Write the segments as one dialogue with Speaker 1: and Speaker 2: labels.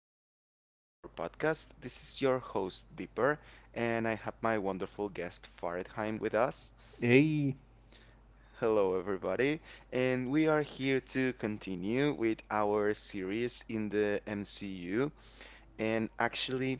Speaker 1: Welcome back to our podcast. This is your host, Dipper, and I have my wonderful guest, Faridheim, with us. Hello, everybody. And we are here to continue with our series in the MCU. And actually,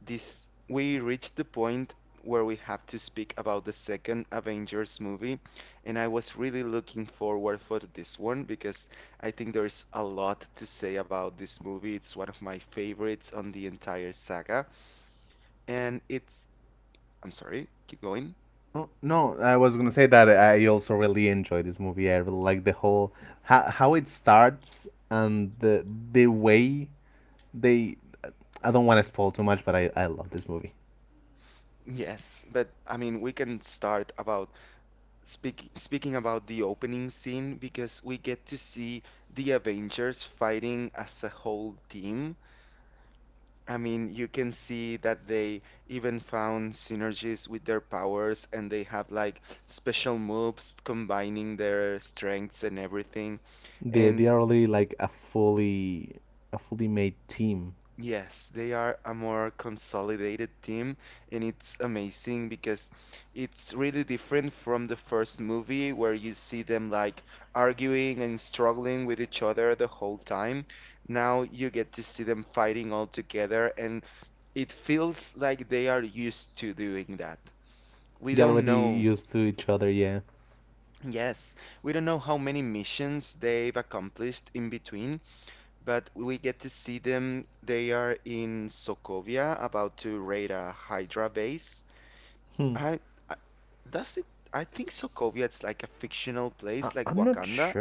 Speaker 1: this we reached the point where we have to speak about the second Avengers movie, and I was really looking forward for this one because I think there's a lot to say about this movie. It's one of my favorites on the entire saga, and it's I'm sorry, keep going. Yes, but I mean we can start about speaking about the opening scene because we get to see the Avengers fighting as a whole team. I mean, you can see that they even found synergies with their powers and they have like special moves combining their strengths and everything. And yes, they are a more consolidated team, and it's amazing because it's really different from the first movie where you see them like arguing and struggling with each other the whole time. Now you get to see them fighting all together, and it feels like they are used to doing that. We don't know. Yes, we don't know how many missions they've accomplished in between, but we get to see them. They are in Sokovia, about to raid a Hydra base. I, I does it? I think Sokovia is like a fictional place, like Wakanda.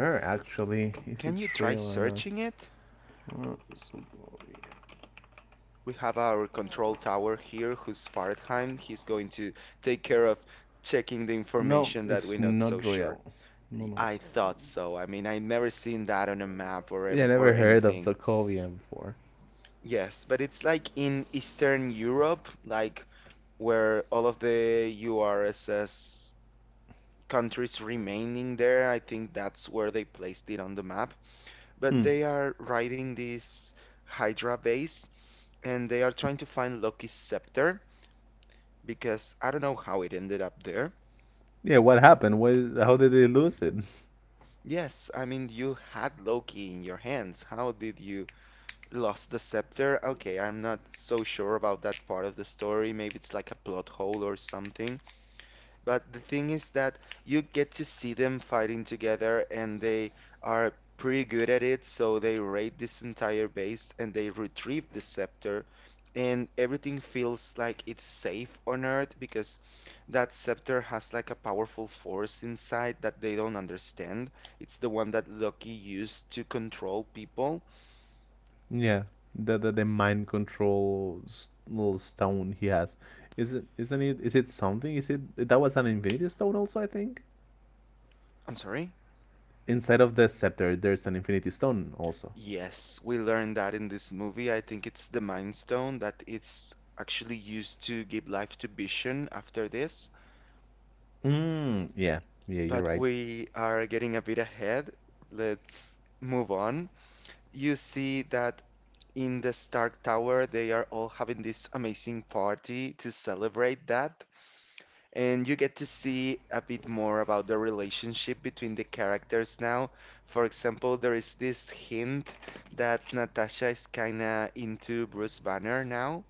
Speaker 1: Can you try searching it? We have our control tower here, who's Fahrenheit. He's going to take care of checking the information that we're not so sure. I thought so. I mean, I've never seen that on a map or anything. Yes, but it's like in Eastern Europe, like where all of the URSS countries remaining there. I think that's where they placed it on the map. But they are riding this Hydra base, and they are trying to find Loki's scepter because I don't know how it ended up there. Yes, I mean, you had Loki in your hands. How did you? Lost the Scepter? Okay, I'm not so sure about that part of the story. Maybe it's like a plot hole or something. But the thing is that you get to see them fighting together and they are pretty good at it. So they raid this entire base and they retrieve the Scepter. And everything feels like it's safe on Earth because that Scepter has like a powerful force inside that they don't understand. It's the one that Loki used to control people. I'm sorry? Yes, we learned that in this movie. I think it's the Mind Stone that it's actually used to give life to Vision after this. But we are getting a bit ahead. Let's move on. You see that in the Stark Tower, they are all having this amazing party to celebrate that, and you get to see a bit more about the relationship between the characters now. For example, there is this hint that Natasha is kinda into Bruce Banner now.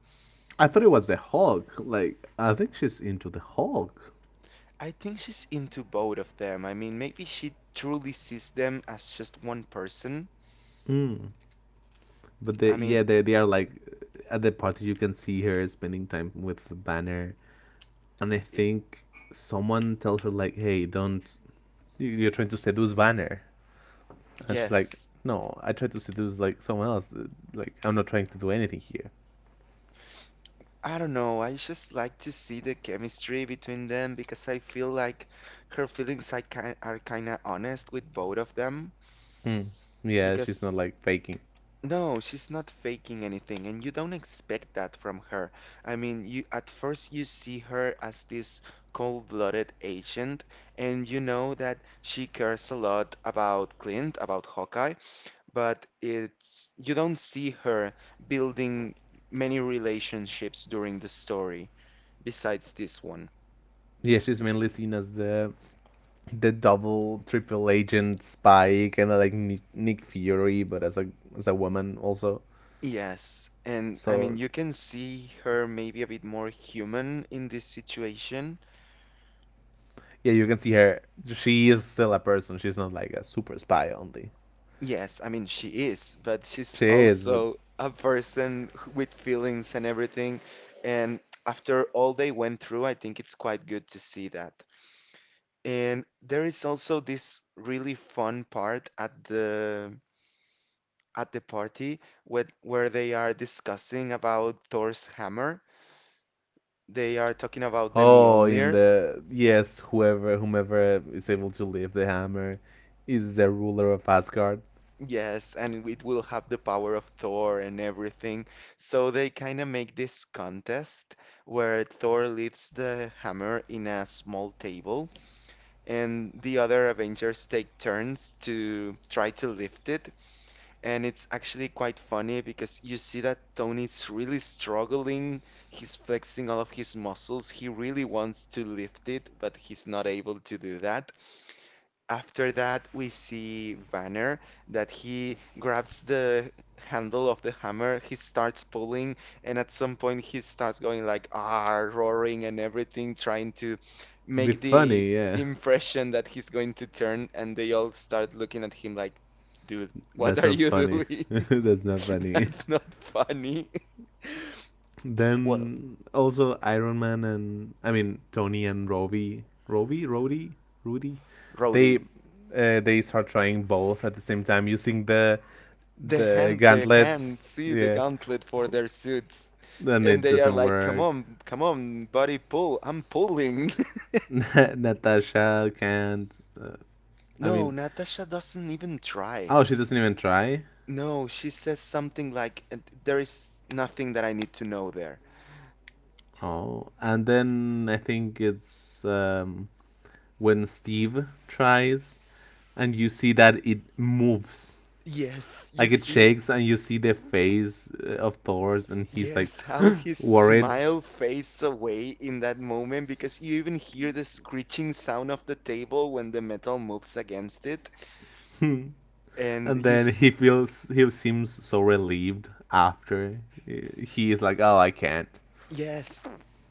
Speaker 1: I think she's into both of them. I mean, maybe she truly sees them as just one person. I mean, i- yes. I don't know. I just like to see the chemistry between them because I feel like her feelings are kinda honest with both of them because no, she's not faking anything, and you don't expect that from her. I mean, you at first you see her as this cold-blooded agent, and you know that she cares a lot about Clint, about Hawkeye, but it's you don't see her building many relationships during the story, besides this one. Yes, and I mean, you can see her maybe a bit more human in this situation. Yes, I mean, she is, but she's also a person with feelings and everything. And after all they went through, I think it's quite good to see that. And there is also this really fun part at the party where they are discussing about Thor's hammer. They are talking about the Mjolnir, yes, and it will have the power of Thor and everything. So they kind of make this contest where Thor leaves the hammer in a small table, and the other Avengers take turns to try to lift it. And it's actually quite funny because you see that Tony's really struggling. He's flexing all of his muscles. He really wants to lift it, but he's not able to do that. After that, we see Vanner that he grabs the handle of the hammer, he starts pulling, and at some point he starts going like ah, roaring and everything, trying to make the impression that he's going to turn, and they all start looking at him like, dude, what are you doing? That's not funny. Well, Rhodey. They hand see the gauntlet for their suits, and they are like, "Come on, come on, buddy, pull! I'm pulling." No, Natasha doesn't even try. S- No, she says something like, There is nothing that I need to know there." Yes, you see, yes, how his smile fades away in that moment because you even hear the screeching sound of the table when the metal moves against it, and yes,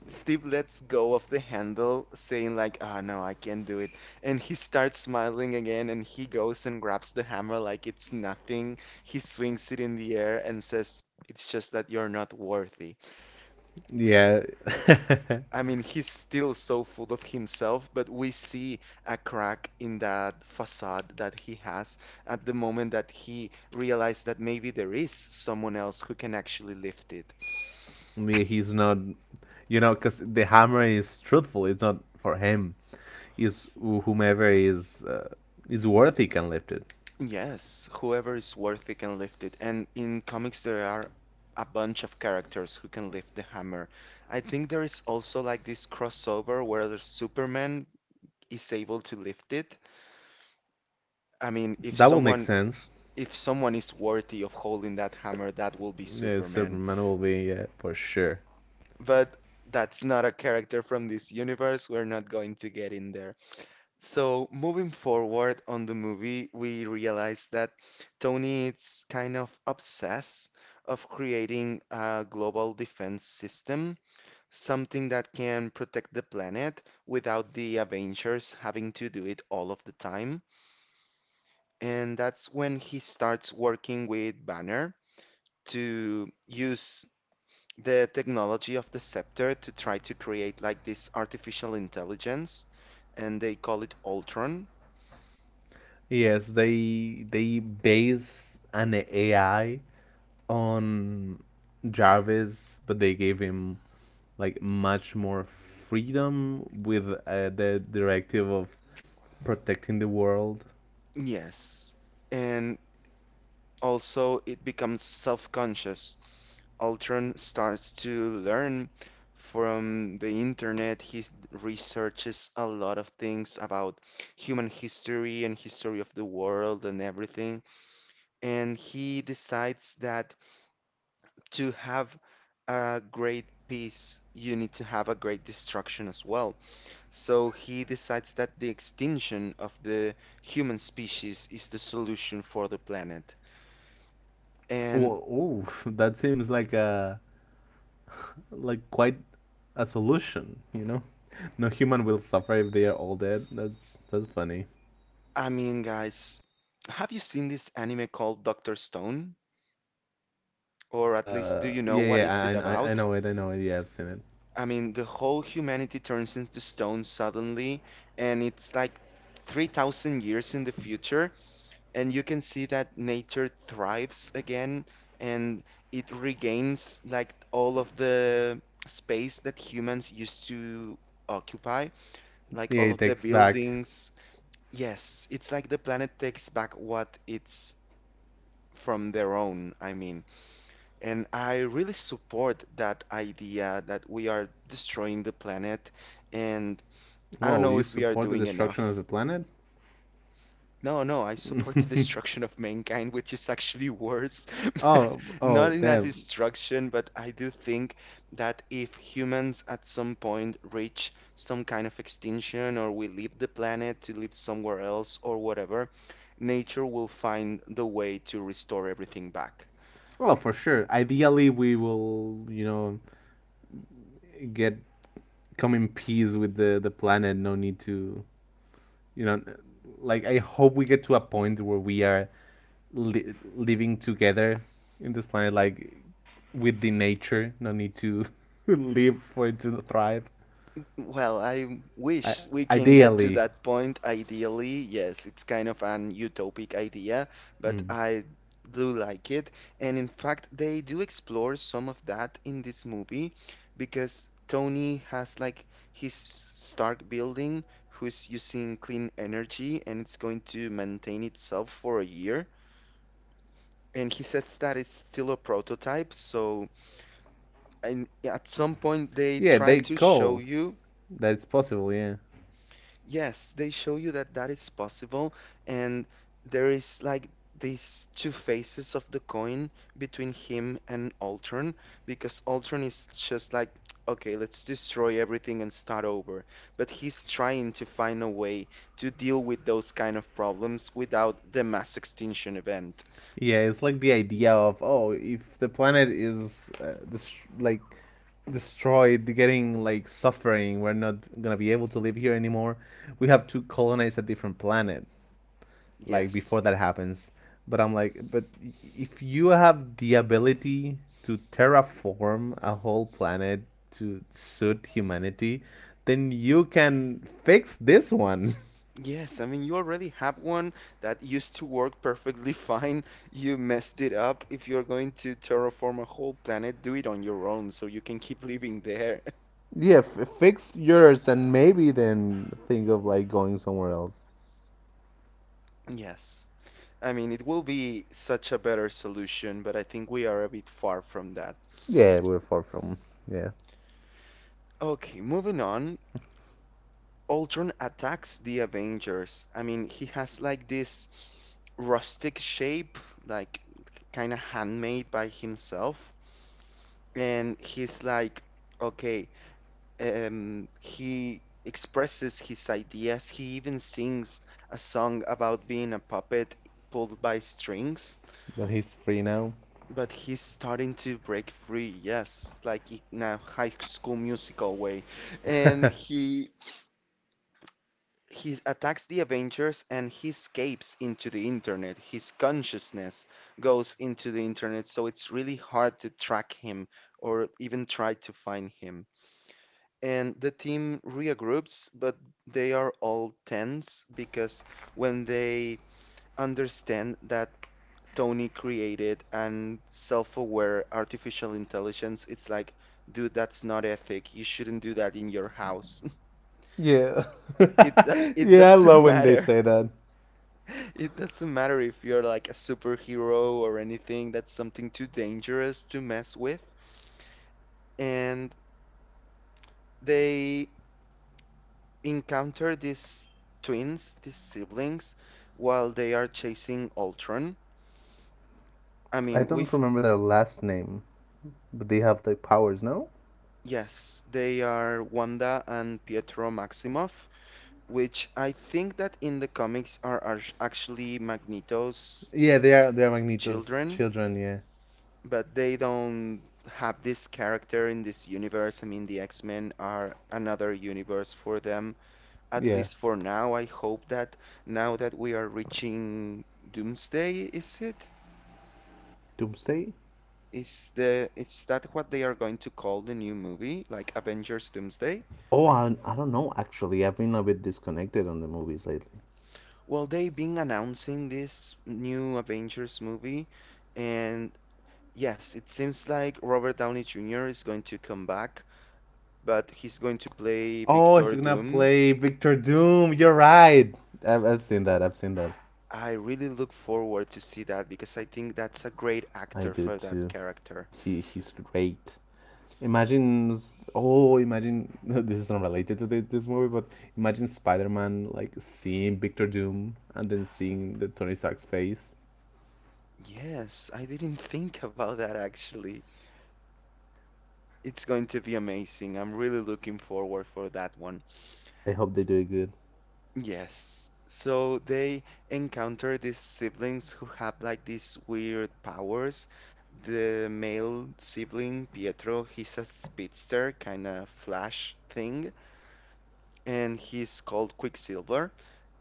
Speaker 1: Steve lets go of the handle, saying like, "Ah, no, I can't do it." And he starts smiling again, and he goes and grabs the hammer like it's nothing. He swings it in the air and says, "It's just that you're not worthy." I mean, he's still so full of himself, but we see a crack in that facade that he has at the moment that he realized that maybe there is someone else who can actually lift it. Yes, whoever is worthy can lift it. And in comics, there are a bunch of characters who can lift the hammer. I think there is also like this crossover where the Superman is able to lift it. I mean, if someone is worthy of holding that hammer, that will be Superman. But that's not a character from this universe. We're not going to get in there. So moving forward on the movie, we realize that Tony is kind of obsessed of creating a global defense system, something that can protect the planet without the Avengers having to do it all of the time. And that's when he starts working with Banner to use the technology of the Scepter to try to create like this artificial intelligence, and they call it Ultron. Yes. And also, it becomes self-conscious. Ultron starts to learn from the internet. He researches a lot of things about human history and history of the world and everything. And he decides that to have a great peace, you need to have a great destruction as well. So he decides that the extinction of the human species is the solution for the planet. And I mean, guys, have you seen this anime called Doctor Stone? Or at least do you know what is it about? I mean, the whole humanity turns into stone suddenly, and it's like 3,000 years in the future, and you can see that nature thrives again and it regains like all of the space that humans used to occupy, like all of the buildings. Yes, it's like the planet takes back what it's from their own, I mean. And I really support that idea that we are destroying the planet, and I don't know if we are doing enough. No, no, I support the destruction of mankind, which is actually worse. Not in that destruction, but I do think that if humans at some point reach some kind of extinction or we leave the planet to live somewhere else or whatever, nature will find the way to restore everything back. Well, I wish we can get to that point ideally. Yes, it's kind of an utopic idea, but I do like it. And in fact, they do explore some of that in this movie because Tony has like his Stark building who's using clean energy and it's going to maintain itself for a year. And he says that it's still a prototype, so and at some point they try to show you. Yes, they show you that that is possible, and there is like these two faces of the coin between him and Ultron, because Ultron is just like, okay, let's destroy everything and start over. But he's trying to find a way to deal with those kind of problems without the mass extinction event. Yes. Yes, I mean, you already have one that used to work perfectly fine. You messed it up. If you're going to terraform a whole planet, do it on your own so you can keep living there. Yes. I mean, it will be such a better solution, but I think we are a bit far from that. Okay, moving on. Ultron attacks the Avengers. I mean, he has like this rustic shape, like kind of handmade by himself. And he's like, okay. He expresses his ideas. He even sings a song about being a puppet pulled by strings, but he's starting to break free, yes, like in a High School Musical way. And he attacks the Avengers and he escapes into the internet. His consciousness goes into the internet, so it's really hard to track him or even try to find him. And the team regroups, but they are all tense because when they understand that Tony created an self-aware artificial intelligence, it's like, dude, that's not ethic. You shouldn't do that in your house. It doesn't matter. It doesn't matter if you're like a superhero or anything. That's something too dangerous to mess with. And they encounter these twins, these siblings, while they are chasing Ultron. I mean, we've, yes, they are Wanda and Pietro Maximoff, which I think that in the comics are actually Magneto's children, but they don't have this character in this universe. I mean, the X-Men are another universe for them, at least for now. I hope that now that we are reaching Doomsday, is it? Is that what they are going to call the new movie, like Avengers Doomsday? Well, they've been announcing this new Avengers movie, and yes, it seems like Robert Downey Jr. is going to come back, but he's going to play Victor Doom. I really look forward to see that because I think that's a great actor for that character. Yes, I didn't think about that actually. It's going to be amazing. I'm really looking forward for that one. Yes. So they encounter these siblings who have like these weird powers. The male sibling, Pietro, he's a speedster, kind of flash thing, and he's called Quicksilver.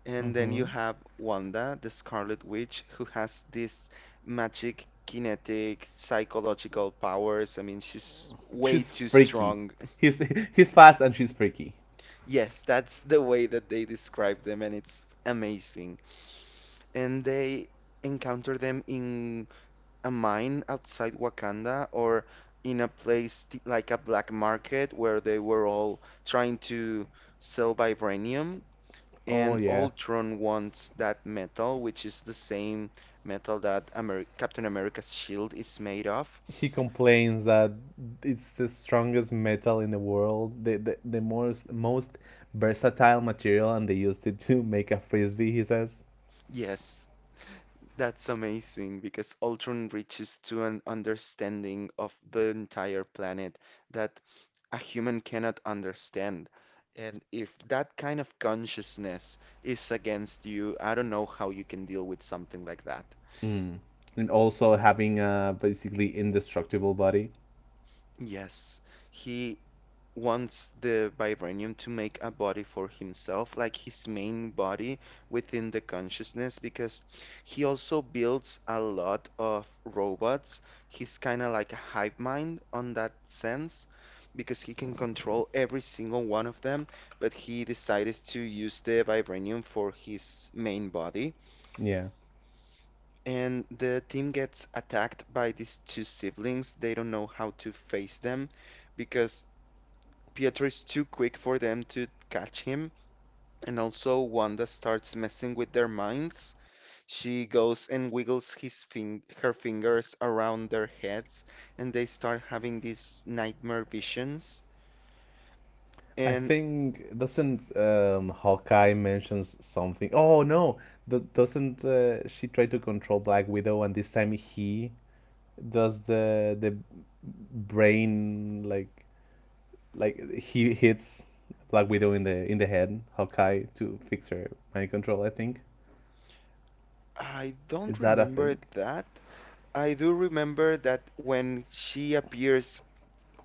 Speaker 1: And then you have Wanda, the Scarlet Witch, who has this magic, kinetic, psychological powers. I mean, she's way too strong. Yes, that's the way that they describe them, and it's amazing. And they encounter them in a mine outside Wakanda or in a place like a black market where they were all trying to sell vibranium. And Ultron wants that metal, which is the same metal that Amer Captain America's shield is made of. Yes, that's amazing because Ultron reaches to an understanding of the entire planet that a human cannot understand. And if that kind of consciousness is against you, I don't know how you can deal with something like that. Yes, he wants the Vibranium to make a body for himself, like his main body within the consciousness, because he also builds a lot of robots. He's kind of like a hive mind on that sense, because he can control every single one of them, but he decides to use the Vibranium for his main body. And the team gets attacked by these two siblings. They don't know how to face them because Pietro is too quick for them to catch him, and also Wanda starts messing with their minds. She goes and wiggles his fing her fingers around their heads, and they start having these nightmare visions. And I don't remember that. I do remember that when she appears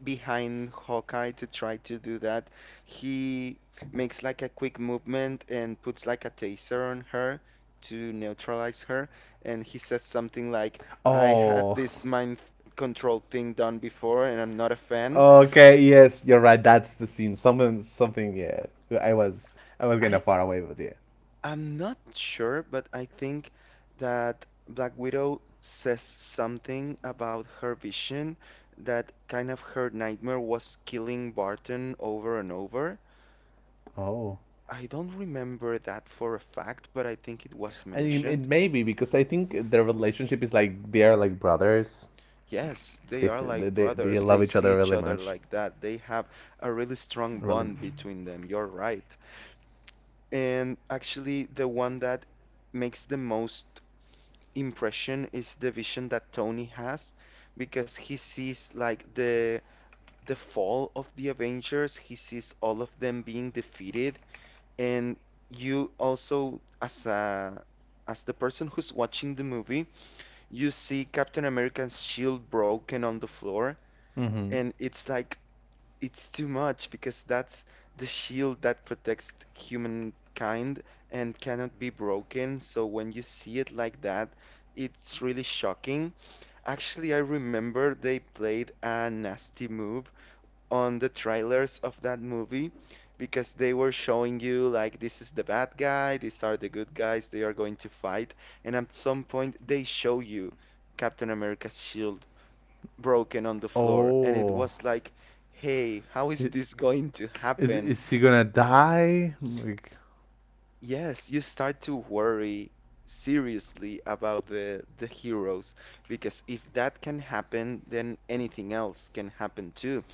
Speaker 1: behind Hawkeye to try to do that. He makes like a quick movement and puts like a taser on her to neutralize her. And he says something like, I had this mind control thing done before and I'm not a fan. I I'm not sure, but I think that Black Widow says something about her vision that kind of her nightmare was killing Barton over and over. I don't remember that for a fact, but I think it was mentioned. Yes, they are like brothers. They see each other like that. They have a really strong bond between them. You're right. And actually, the one that makes the most impression is the vision that Tony has because he sees like the fall of the Avengers. He sees all of them being defeated, and you also as a as the person who's watching the movie you see Captain America's shield broken on the floor, and it's like it's too much because that's the shield that protects humankind and cannot be broken. So when you see it like that, it's really shocking. Actually, I remember they played a nasty move on the trailers of that movie because they were showing you like this is the bad guy, these are the good guys, they are going to fight, and at some point they show you Captain America's shield broken on the floor, and it was like, hey, how is this going to happen? Yes, you start to worry seriously about the heroes because if that can happen, then anything else can happen too.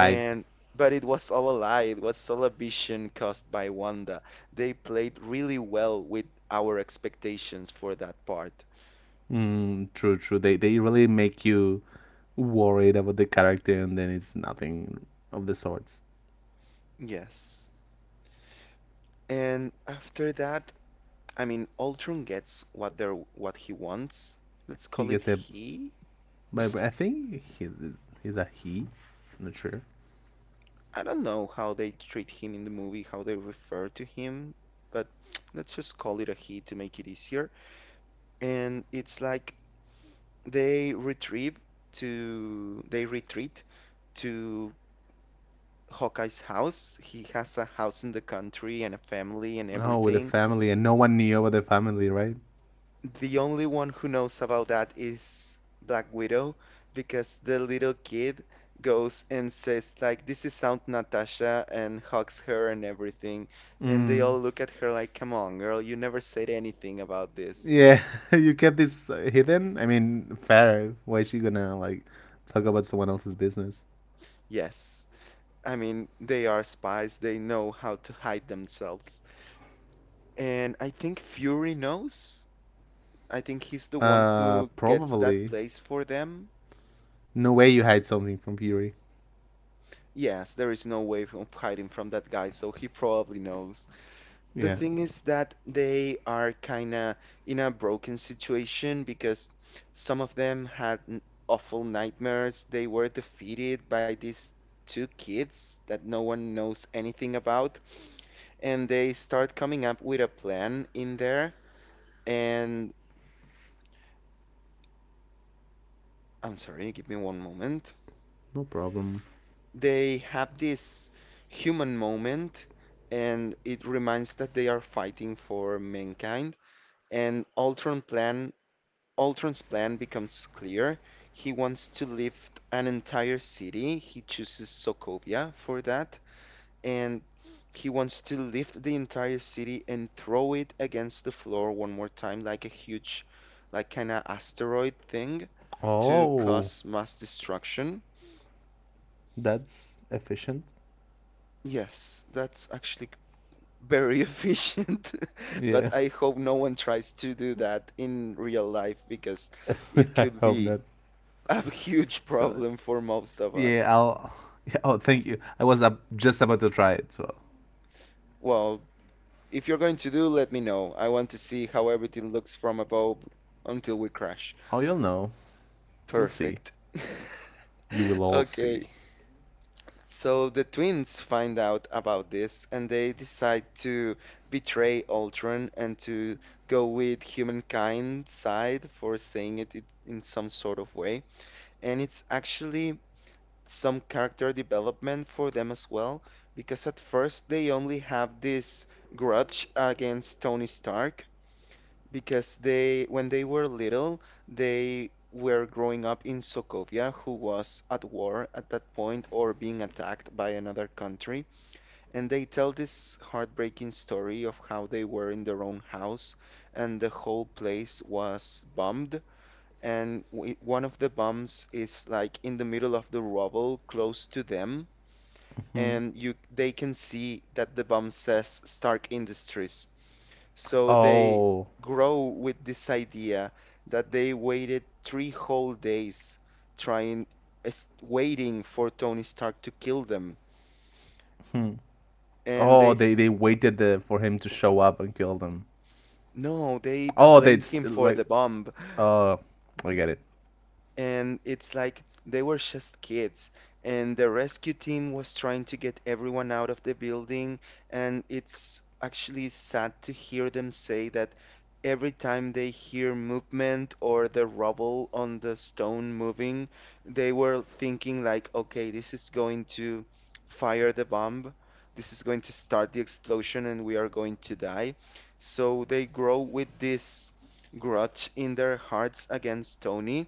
Speaker 1: And but it was all a lie. It was all a vision caused by Wanda. They played really well with our expectations for that part. Yes. And after that, I mean, Ultron gets what he wants. Let's call it he. I don't know how they treat him in the movie, how they refer to him, but let's just call it a he to make it easier. And it's like they retrieve they retreat to Hawkeye's house. He has a house in the country and a family and everything. The only one who knows about that is Black Widow because the little kid goes and says like this is Aunt Natasha and hugs her and everything. And they all look at her like, come on, girl, you never said anything about this. Yes. I mean, they are spies. They know how to hide themselves. And I think Fury knows. I think he's the one who gets that place for them. Yes, there is no way of hiding from that guy, so he probably knows. The thing is that they are kinda in a broken situation because some of them had awful nightmares. They were defeated by these two kids that no one knows anything about, and they start coming up with a plan in there. And I'm sorry, give me one moment. They have this human moment and it reminds that they are fighting for mankind and Ultron's plan becomes clear. He wants to lift an entire city. He chooses Sokovia for that and he wants to lift the entire city and throw it against the floor one more time like a huge like kind of asteroid thing to cause mass destruction. Yes, that's actually very efficient, but I hope no one tries to do that in real life because it could be a huge problem for most of us. Well, if you're going to do, let me know. I want to see how everything looks from above until we crash. Perfect. Okay. So the twins find out about this and they decide to betray Ultron and to go with humankind side for saying it in some sort of way. And it's actually some character development for them as well, because at first they only have this grudge against Tony Stark because when they were little, they were growing up in Sokovia, who was at war at that point or being attacked by another country. And they tell this heartbreaking story of how they were in their own house and the whole place was bombed. And w one of the bombs is like in the middle of the rubble close to them. And they can see that the bomb says Stark Industries. So they grow with this idea that they waited 3 whole days trying, waiting for Tony Stark to kill them. And no, they blamed him for the bomb. And it's like they were just kids and the rescue team was trying to get everyone out of the building and it's actually sad to hear them say that every time they hear movement or the rubble on the stone moving they were thinking like, okay, this is going to fire the bomb, this is going to start the explosion and we are going to die. So they grow with this grudge in their hearts against Tony,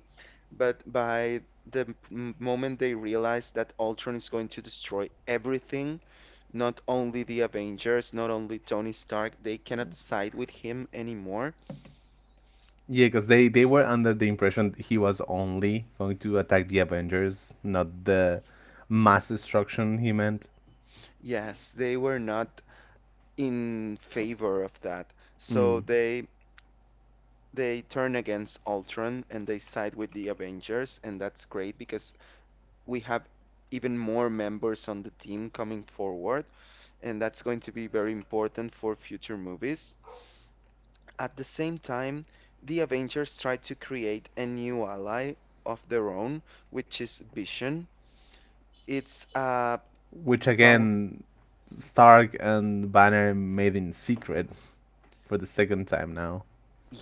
Speaker 1: but by the moment they realize that Ultron is going to destroy everything, not only the Avengers, not only Tony Stark, they cannot side with him anymore. Yes, they were not in favor of that. So they turn against Ultron and they side with the Avengers, and that's great because we have even more members on the team coming forward, and that's going to be very important for future movies. At the same time, the Avengers try to create a new ally of their own, which is Vision. It's a power.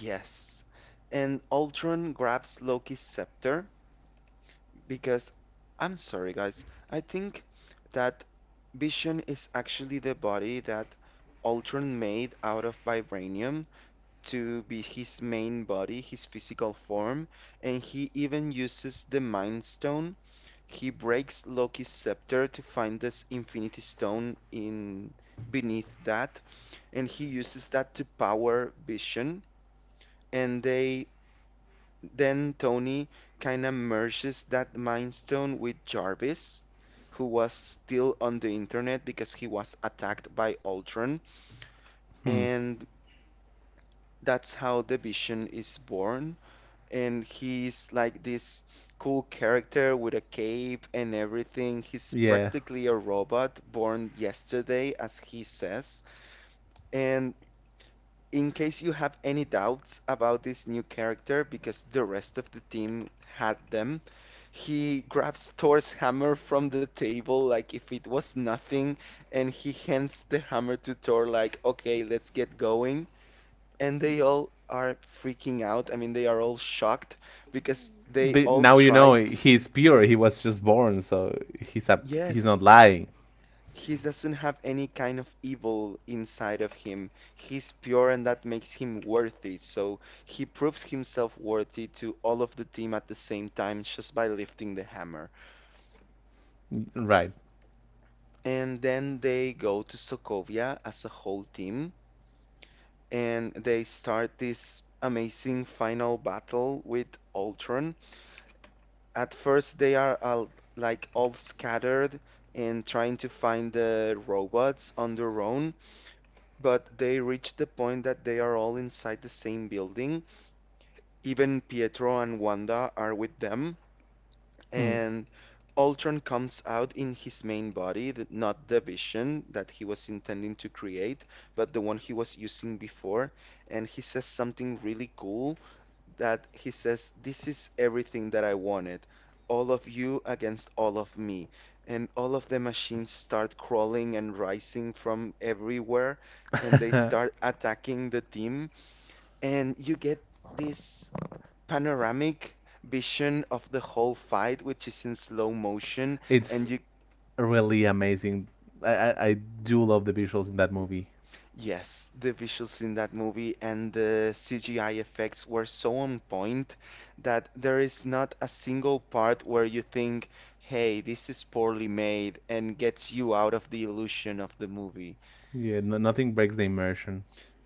Speaker 1: Yes. And Ultron grabs Loki's scepter because I'm sorry, guys. I think that Vision is actually the body that Ultron made out of vibranium to be his main body, his physical form, and he even uses the Mind Stone He Breaks Loki's scepter to find this Infinity Stone in beneath that, and he uses that to power Vision. And they Then Tony kind of merges that Mind Stone with Jarvis, who was still on the internet because he was attacked by Ultron, and that's how the Vision is born. And he's like this cool character with a cape and everything. He's practically a robot born yesterday, as he says. And in case you have any doubts about this new character, because the rest of the team had them, he grabs Thor's hammer from the table like if it was nothing, and he hands the hammer to Thor, like, okay, let's get going, and they all are freaking out. I mean, they are all shocked because they all tried. Yes, he doesn't have any kind of evil inside of him. He's pure, and that makes him worthy. So he proves himself worthy to all of the team at the same time just by lifting the hammer. And then they go to Sokovia as a whole team, and they start this amazing final battle with Ultron. At first, like all scattered in trying to find the robots on their own, but they reach the point that they are all inside the same building. Even Pietro and Wanda are with them, and Ultron comes out in his main body, not the vision that he was intending to create, but the one he was using before, and he says something really cool that he says, "This is everything that I wanted. All of you against all of me." And all of the machines start crawling and rising from everywhere. And they start attacking the team. And you get this panoramic vision of the whole fight, which is in slow motion. And you Yes, the visuals in that movie and the CGI effects were so on point that there is not a single part where you think, hey, this is poorly made, and gets you out of the illusion of the movie.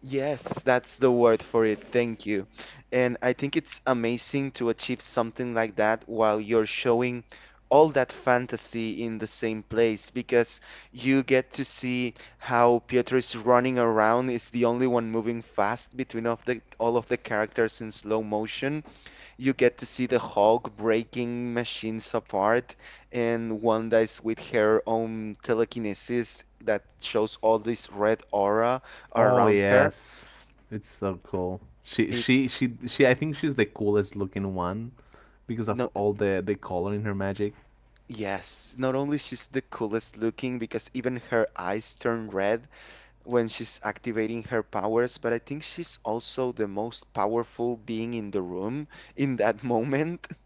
Speaker 1: Yes, that's the word for it. Thank you. And I think it's amazing to achieve something like that while you're showing all that fantasy in the same place because you get to see how Pietro is running around, is the only one moving fast between of the all of the characters in slow motion. You get to see the Hulk breaking machines apart, and Wanda is with her own telekinesis that shows all this red aura around her. It's not, yes, not only she's the coolest looking because even her eyes turn red when she's activating her powers, but I think she's also the most powerful being in the room in that moment.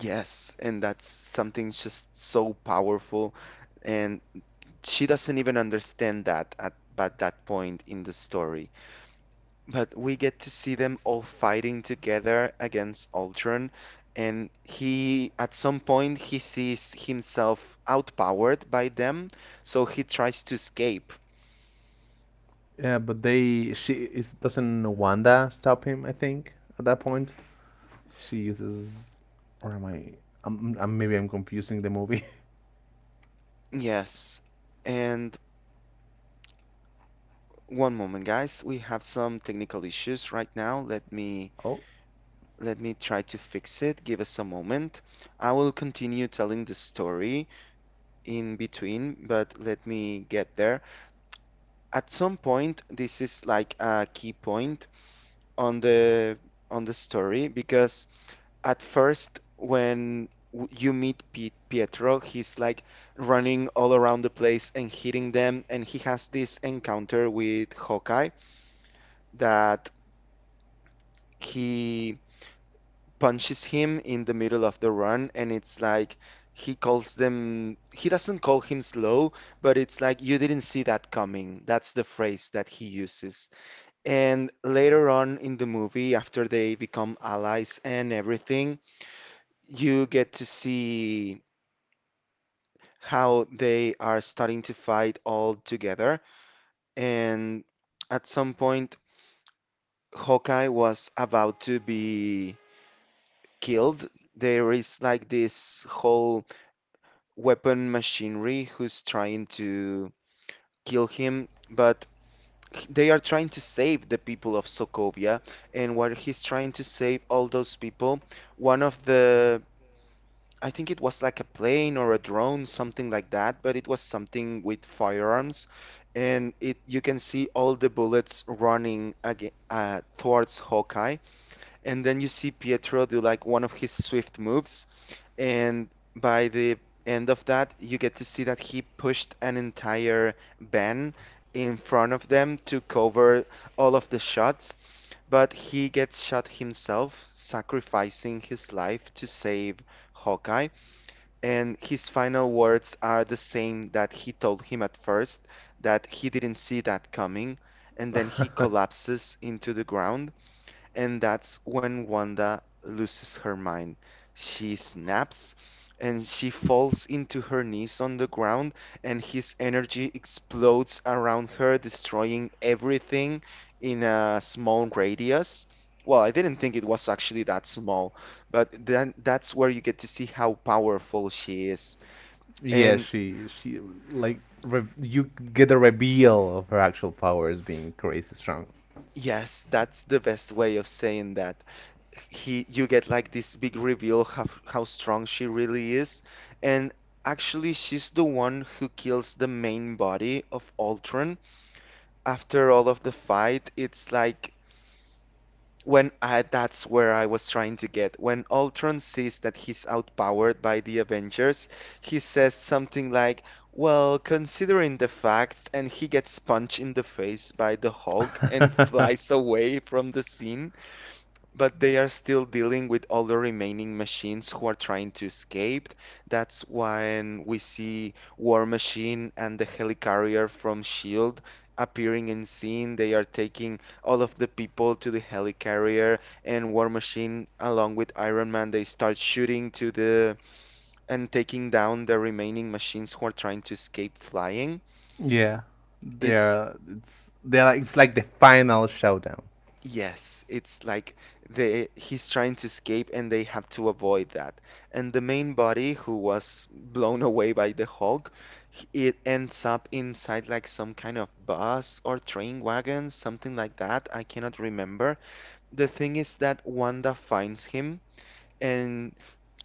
Speaker 1: Yes, and that's something just so powerful, and she doesn't even understand that at but that point in the story. But we get to see them all fighting together against Ultron, and he, at some point, he sees himself outpowered by them, so he tries to escape. Yes. And one moment, guys, we have some technical issues right now. Let me try to fix it. Give us a moment. I will continue telling the story in between, but let me get there. At some point, this is like a key point on the on the story because at first when you meet Pietro, he's like running all around the place and hitting them, and he has this encounter with Hawkeye that he punches him in the middle of the run, and it's like he calls them, he doesn't call him slow, but it's like you didn't see that coming. That's the phrase that he uses. And later on in the movie, after they become allies and everything, you get to see how they are starting to fight all together. And at some point, Hawkeye was about to be killed. There is like this whole weapon machinery who's trying to kill him, but they are trying to save the people of Sokovia. And while he's trying to save all those people, one of the I think it was like a plane or a drone, something like that, but it was something with firearms, and it you can see all the bullets running again, towards Hawkeye, and then you see Pietro do like one of his swift moves, and by the end of that, you get to see that he pushed an entire van in front of them to cover all of the shots, but he gets shot himself, sacrificing his life to save Hawkeye. And his final words are the same that he told him at first, that he didn't see that coming, and then he collapses into the ground. And that's when Wanda loses her mind. She snaps and she falls into her knees on the ground, and his energy explodes around her, destroying everything in a small radius. Well, I didn't think it was actually that small, but then that's where you get to see how powerful she is.
Speaker 2: Yeah,
Speaker 1: And
Speaker 2: she like you get the reveal of her actual powers being crazy strong.
Speaker 1: yes, that's the best way of saying that. He you get like this big reveal how strong she really is, and actually she's the one who kills the main body of Ultron after all of the fight. It's like when I that's where I was trying to get when Ultron sees that he's outpowered by the Avengers, he says something like, well, considering the facts, and he gets punched in the face by the Hulk and flies away from the scene. But they are still dealing with all the remaining machines who are trying to escape. That's when we see War Machine and the helicarrier from SHIELD appearing in scene. They are taking all of the people to the helicarrier, and War Machine, along with Iron Man, they start shooting to the and taking down the remaining machines who are trying to escape flying.
Speaker 2: Yeah,
Speaker 1: It's
Speaker 2: they're it's they're like, it's like the final showdown,
Speaker 1: Yes, it's like they he's trying to escape and they have to avoid that. And the main body who was blown away by the Hulk, it ends up inside like some kind of bus or train wagon, something like that. I cannot remember. The thing is that Wanda finds him and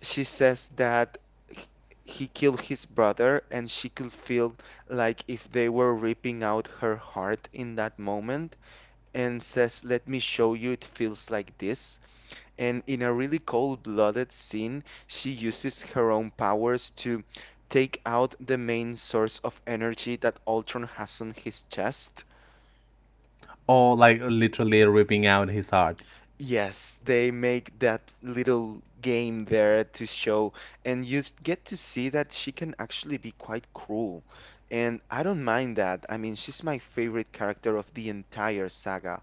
Speaker 1: she says that h- he killed his brother and she could feel like if they were ripping out her heart in that moment and says, "Let me show you it feels like this." And in a really cold-blooded scene, she uses her own powers to take out the main source of energy that Ultron has on his chest.
Speaker 2: or like literally ripping out his heart.
Speaker 1: Yes, they make that little game there to show, and get to see that she can actually be quite cruel. And I don't mind that. I mean, she's my favorite character of the entire saga.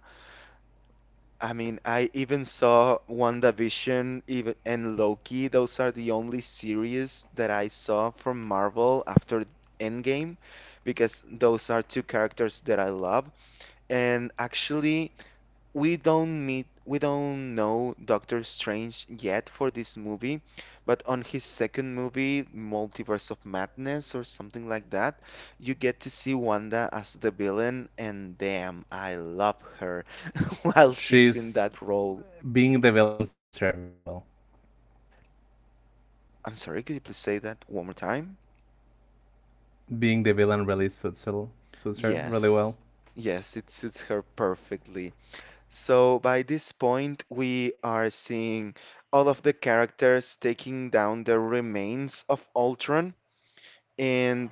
Speaker 1: I mean, I even saw WandaVision even and Loki. Those are the only series that I saw from Marvel after Endgame because those are two characters that I love. And actually, we don't know Doctor Strange yet for this movie, but on his second movie, Multiverse of Madness or something like that, you get to see Wanda as the villain, and damn, I love her while she's in
Speaker 2: She's
Speaker 1: that role.
Speaker 2: being the villain suits her really well.
Speaker 1: I'm sorry, could you please say that one more time?
Speaker 2: Being the villain really suits her really
Speaker 1: Yes.
Speaker 2: well.
Speaker 1: Yes, it suits her perfectly. So by this point, we are seeing all of the characters taking down the remains of Ultron, and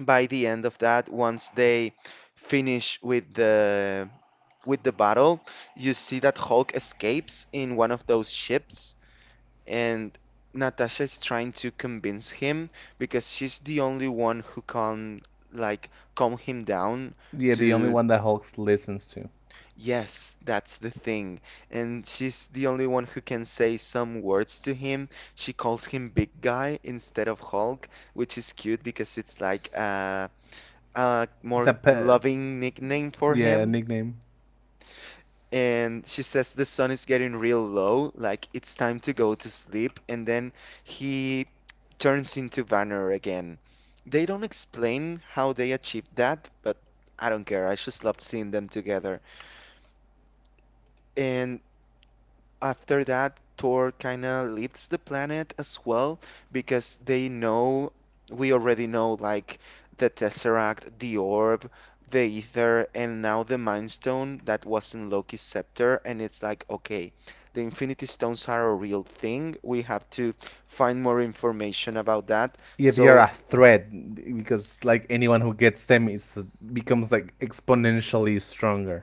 Speaker 1: by the end of that, once they finish with the battle, you see that Hulk escapes in one of those ships, and Natasha is trying to convince him because she's the only one who can like calm him down
Speaker 2: Yeah, the only
Speaker 1: to
Speaker 2: one that Hulk listens to.
Speaker 1: yes, that's the thing. And she's the only one who can say some words to him. She calls him big guy instead of Hulk, which is cute because it's like a
Speaker 2: It's
Speaker 1: more
Speaker 2: a pe-
Speaker 1: loving nickname for
Speaker 2: yeah
Speaker 1: him.
Speaker 2: nickname.
Speaker 1: And she says the sun is getting real low, like it's time to go to sleep. And then he turns into Vanner again. They don't explain how they achieved that, but I don't care. I just loved seeing them together. And after that, Thor kind of leaves the planet as well because they know, we already know, like the Tesseract, the Orb, the Ether, and now the Mind Stone that was in Loki's scepter. And it's like, okay, the Infinity Stones are a real thing. We have to find more information about that.
Speaker 2: Yeah, they are
Speaker 1: So,
Speaker 2: a threat because like anyone who gets them, it becomes like exponentially stronger.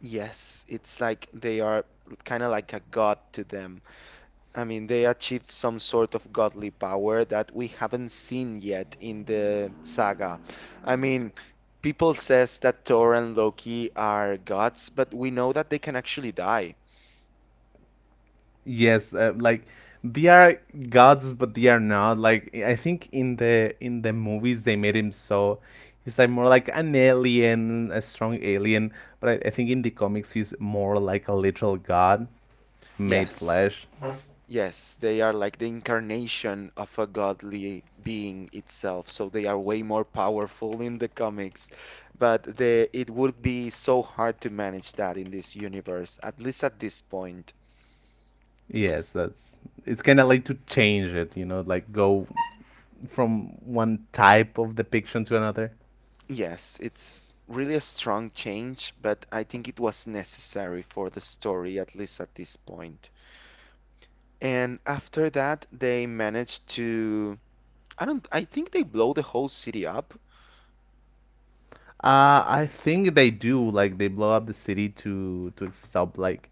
Speaker 1: yes, it's like they are kind of like a god to them. I mean, they achieved some sort of godly power that we haven't seen yet in the saga. I mean, people says that Thor and Loki are gods, but we know that they can actually die.
Speaker 2: Yes, like they are gods, but they are not. Like I think in the movies they made him so he's like more like an alien, a strong alien. But I think in the comics he's more like a literal god made
Speaker 1: Yes,
Speaker 2: flesh.
Speaker 1: yes, they are like the incarnation of a godly being itself, so they are way more powerful in the comics. But the it would be so hard to manage that in this universe, at least at this point.
Speaker 2: Yes, that's it's kind of like to change it, you know, like go from one type of depiction to another.
Speaker 1: Yes, it's really a strong change, but I think it was necessary for the story, at least at this point. And after that, they managed to, I don't, I think they blow the whole city up.
Speaker 2: I think they do. Like they blow up the city to stop like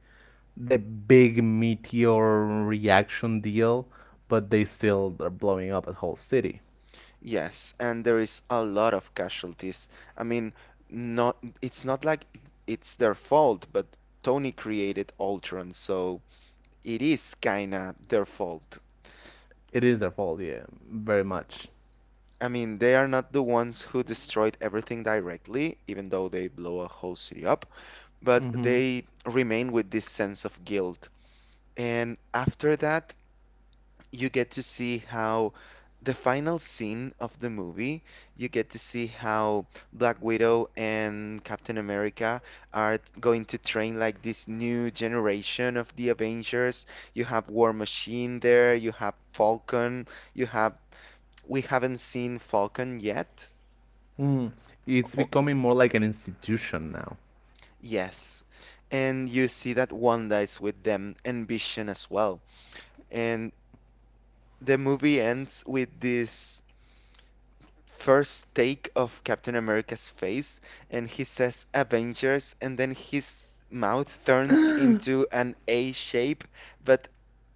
Speaker 2: the big meteor reaction deal, but they still are blowing up a whole city.
Speaker 1: Yes, and there is a lot of casualties. I mean, not, it's not like it's their fault, but Tony created Ultron, so it is kinda their fault.
Speaker 2: It is their fault, yeah, very much.
Speaker 1: I mean, they are not the ones who destroyed everything directly, even though they blow a whole city up, but
Speaker 2: Mm-hmm.
Speaker 1: they remain with this sense of guilt. And after that, you get to see how the final scene of the movie, you get to see how Black Widow and Captain America are going to train like this new generation of the Avengers. You have War Machine there, you have Falcon, you have we haven't seen Falcon yet.
Speaker 2: Mm. It's
Speaker 1: Or,
Speaker 2: becoming more like an institution now.
Speaker 1: yes. And you see that Wanda is with them and Vision as well. And the movie ends with this first take of Captain America's face, and he says Avengers, and then his mouth turns into an A shape, but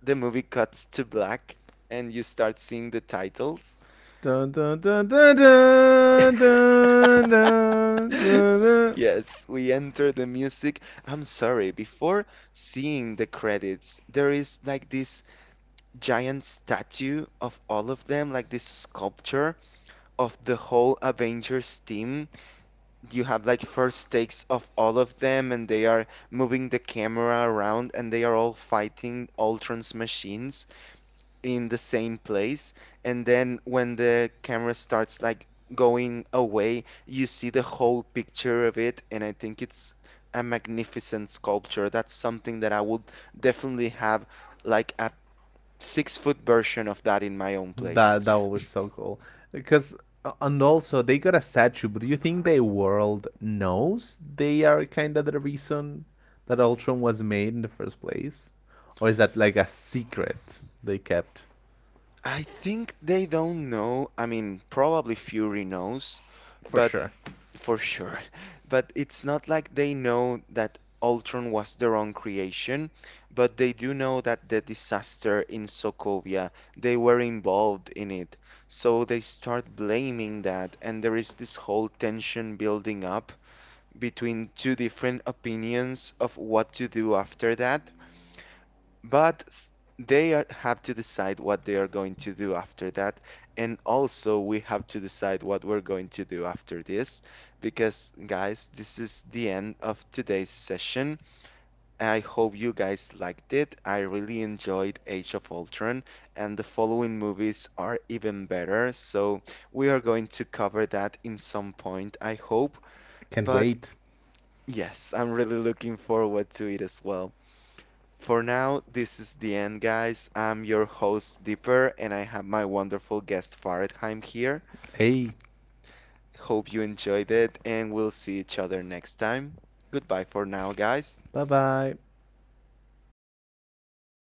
Speaker 1: the movie cuts to black, and you start seeing the titles.
Speaker 2: Dun, dun, dun, dun, dun, dun, dun, dun, dun.
Speaker 1: Yes, we enter the music. I'm sorry, before seeing the credits, there is like this giant statue of all of them, like this sculpture of the whole Avengers team. You have like first takes of all of them and they are moving the camera around and they are all fighting Ultron's machines in the same place. And then when the camera starts like going away, you see the whole picture of it. And I think it's a magnificent sculpture. That's something that I would definitely have like a 6-foot version of that in my own place.
Speaker 2: That was so cool. Because and also they got a statue, but do you think the world knows they are kind of the reason that Ultron was made in the first place, or is that like a secret they kept?
Speaker 1: I think they don't know. I mean, probably Fury knows.
Speaker 2: For
Speaker 1: But
Speaker 2: sure.
Speaker 1: For sure. But it's not like they know that Ultron was their own creation, but they do know that the disaster in Sokovia, they were involved in it. So they start blaming that, and there is this whole tension building up between two different opinions of what to do after that. But s- they are, have to decide what they are going to do after that. And also, we have to decide what we're going to do after this. Because, guys, this is the end of today's session. I hope you guys liked it. I really enjoyed Age of Ultron, and the following movies are even better. So, we are going to cover that in some point, I hope.
Speaker 2: Can't
Speaker 1: But
Speaker 2: wait.
Speaker 1: yes, I'm really looking forward to it as well. For now, this is the end, guys. I'm your host, Dipper, and I have my wonderful guest, Faradheim, here.
Speaker 2: Hey,
Speaker 1: Hope you enjoyed it, and we'll see each other next time. Goodbye for now, guys.
Speaker 2: bye bye.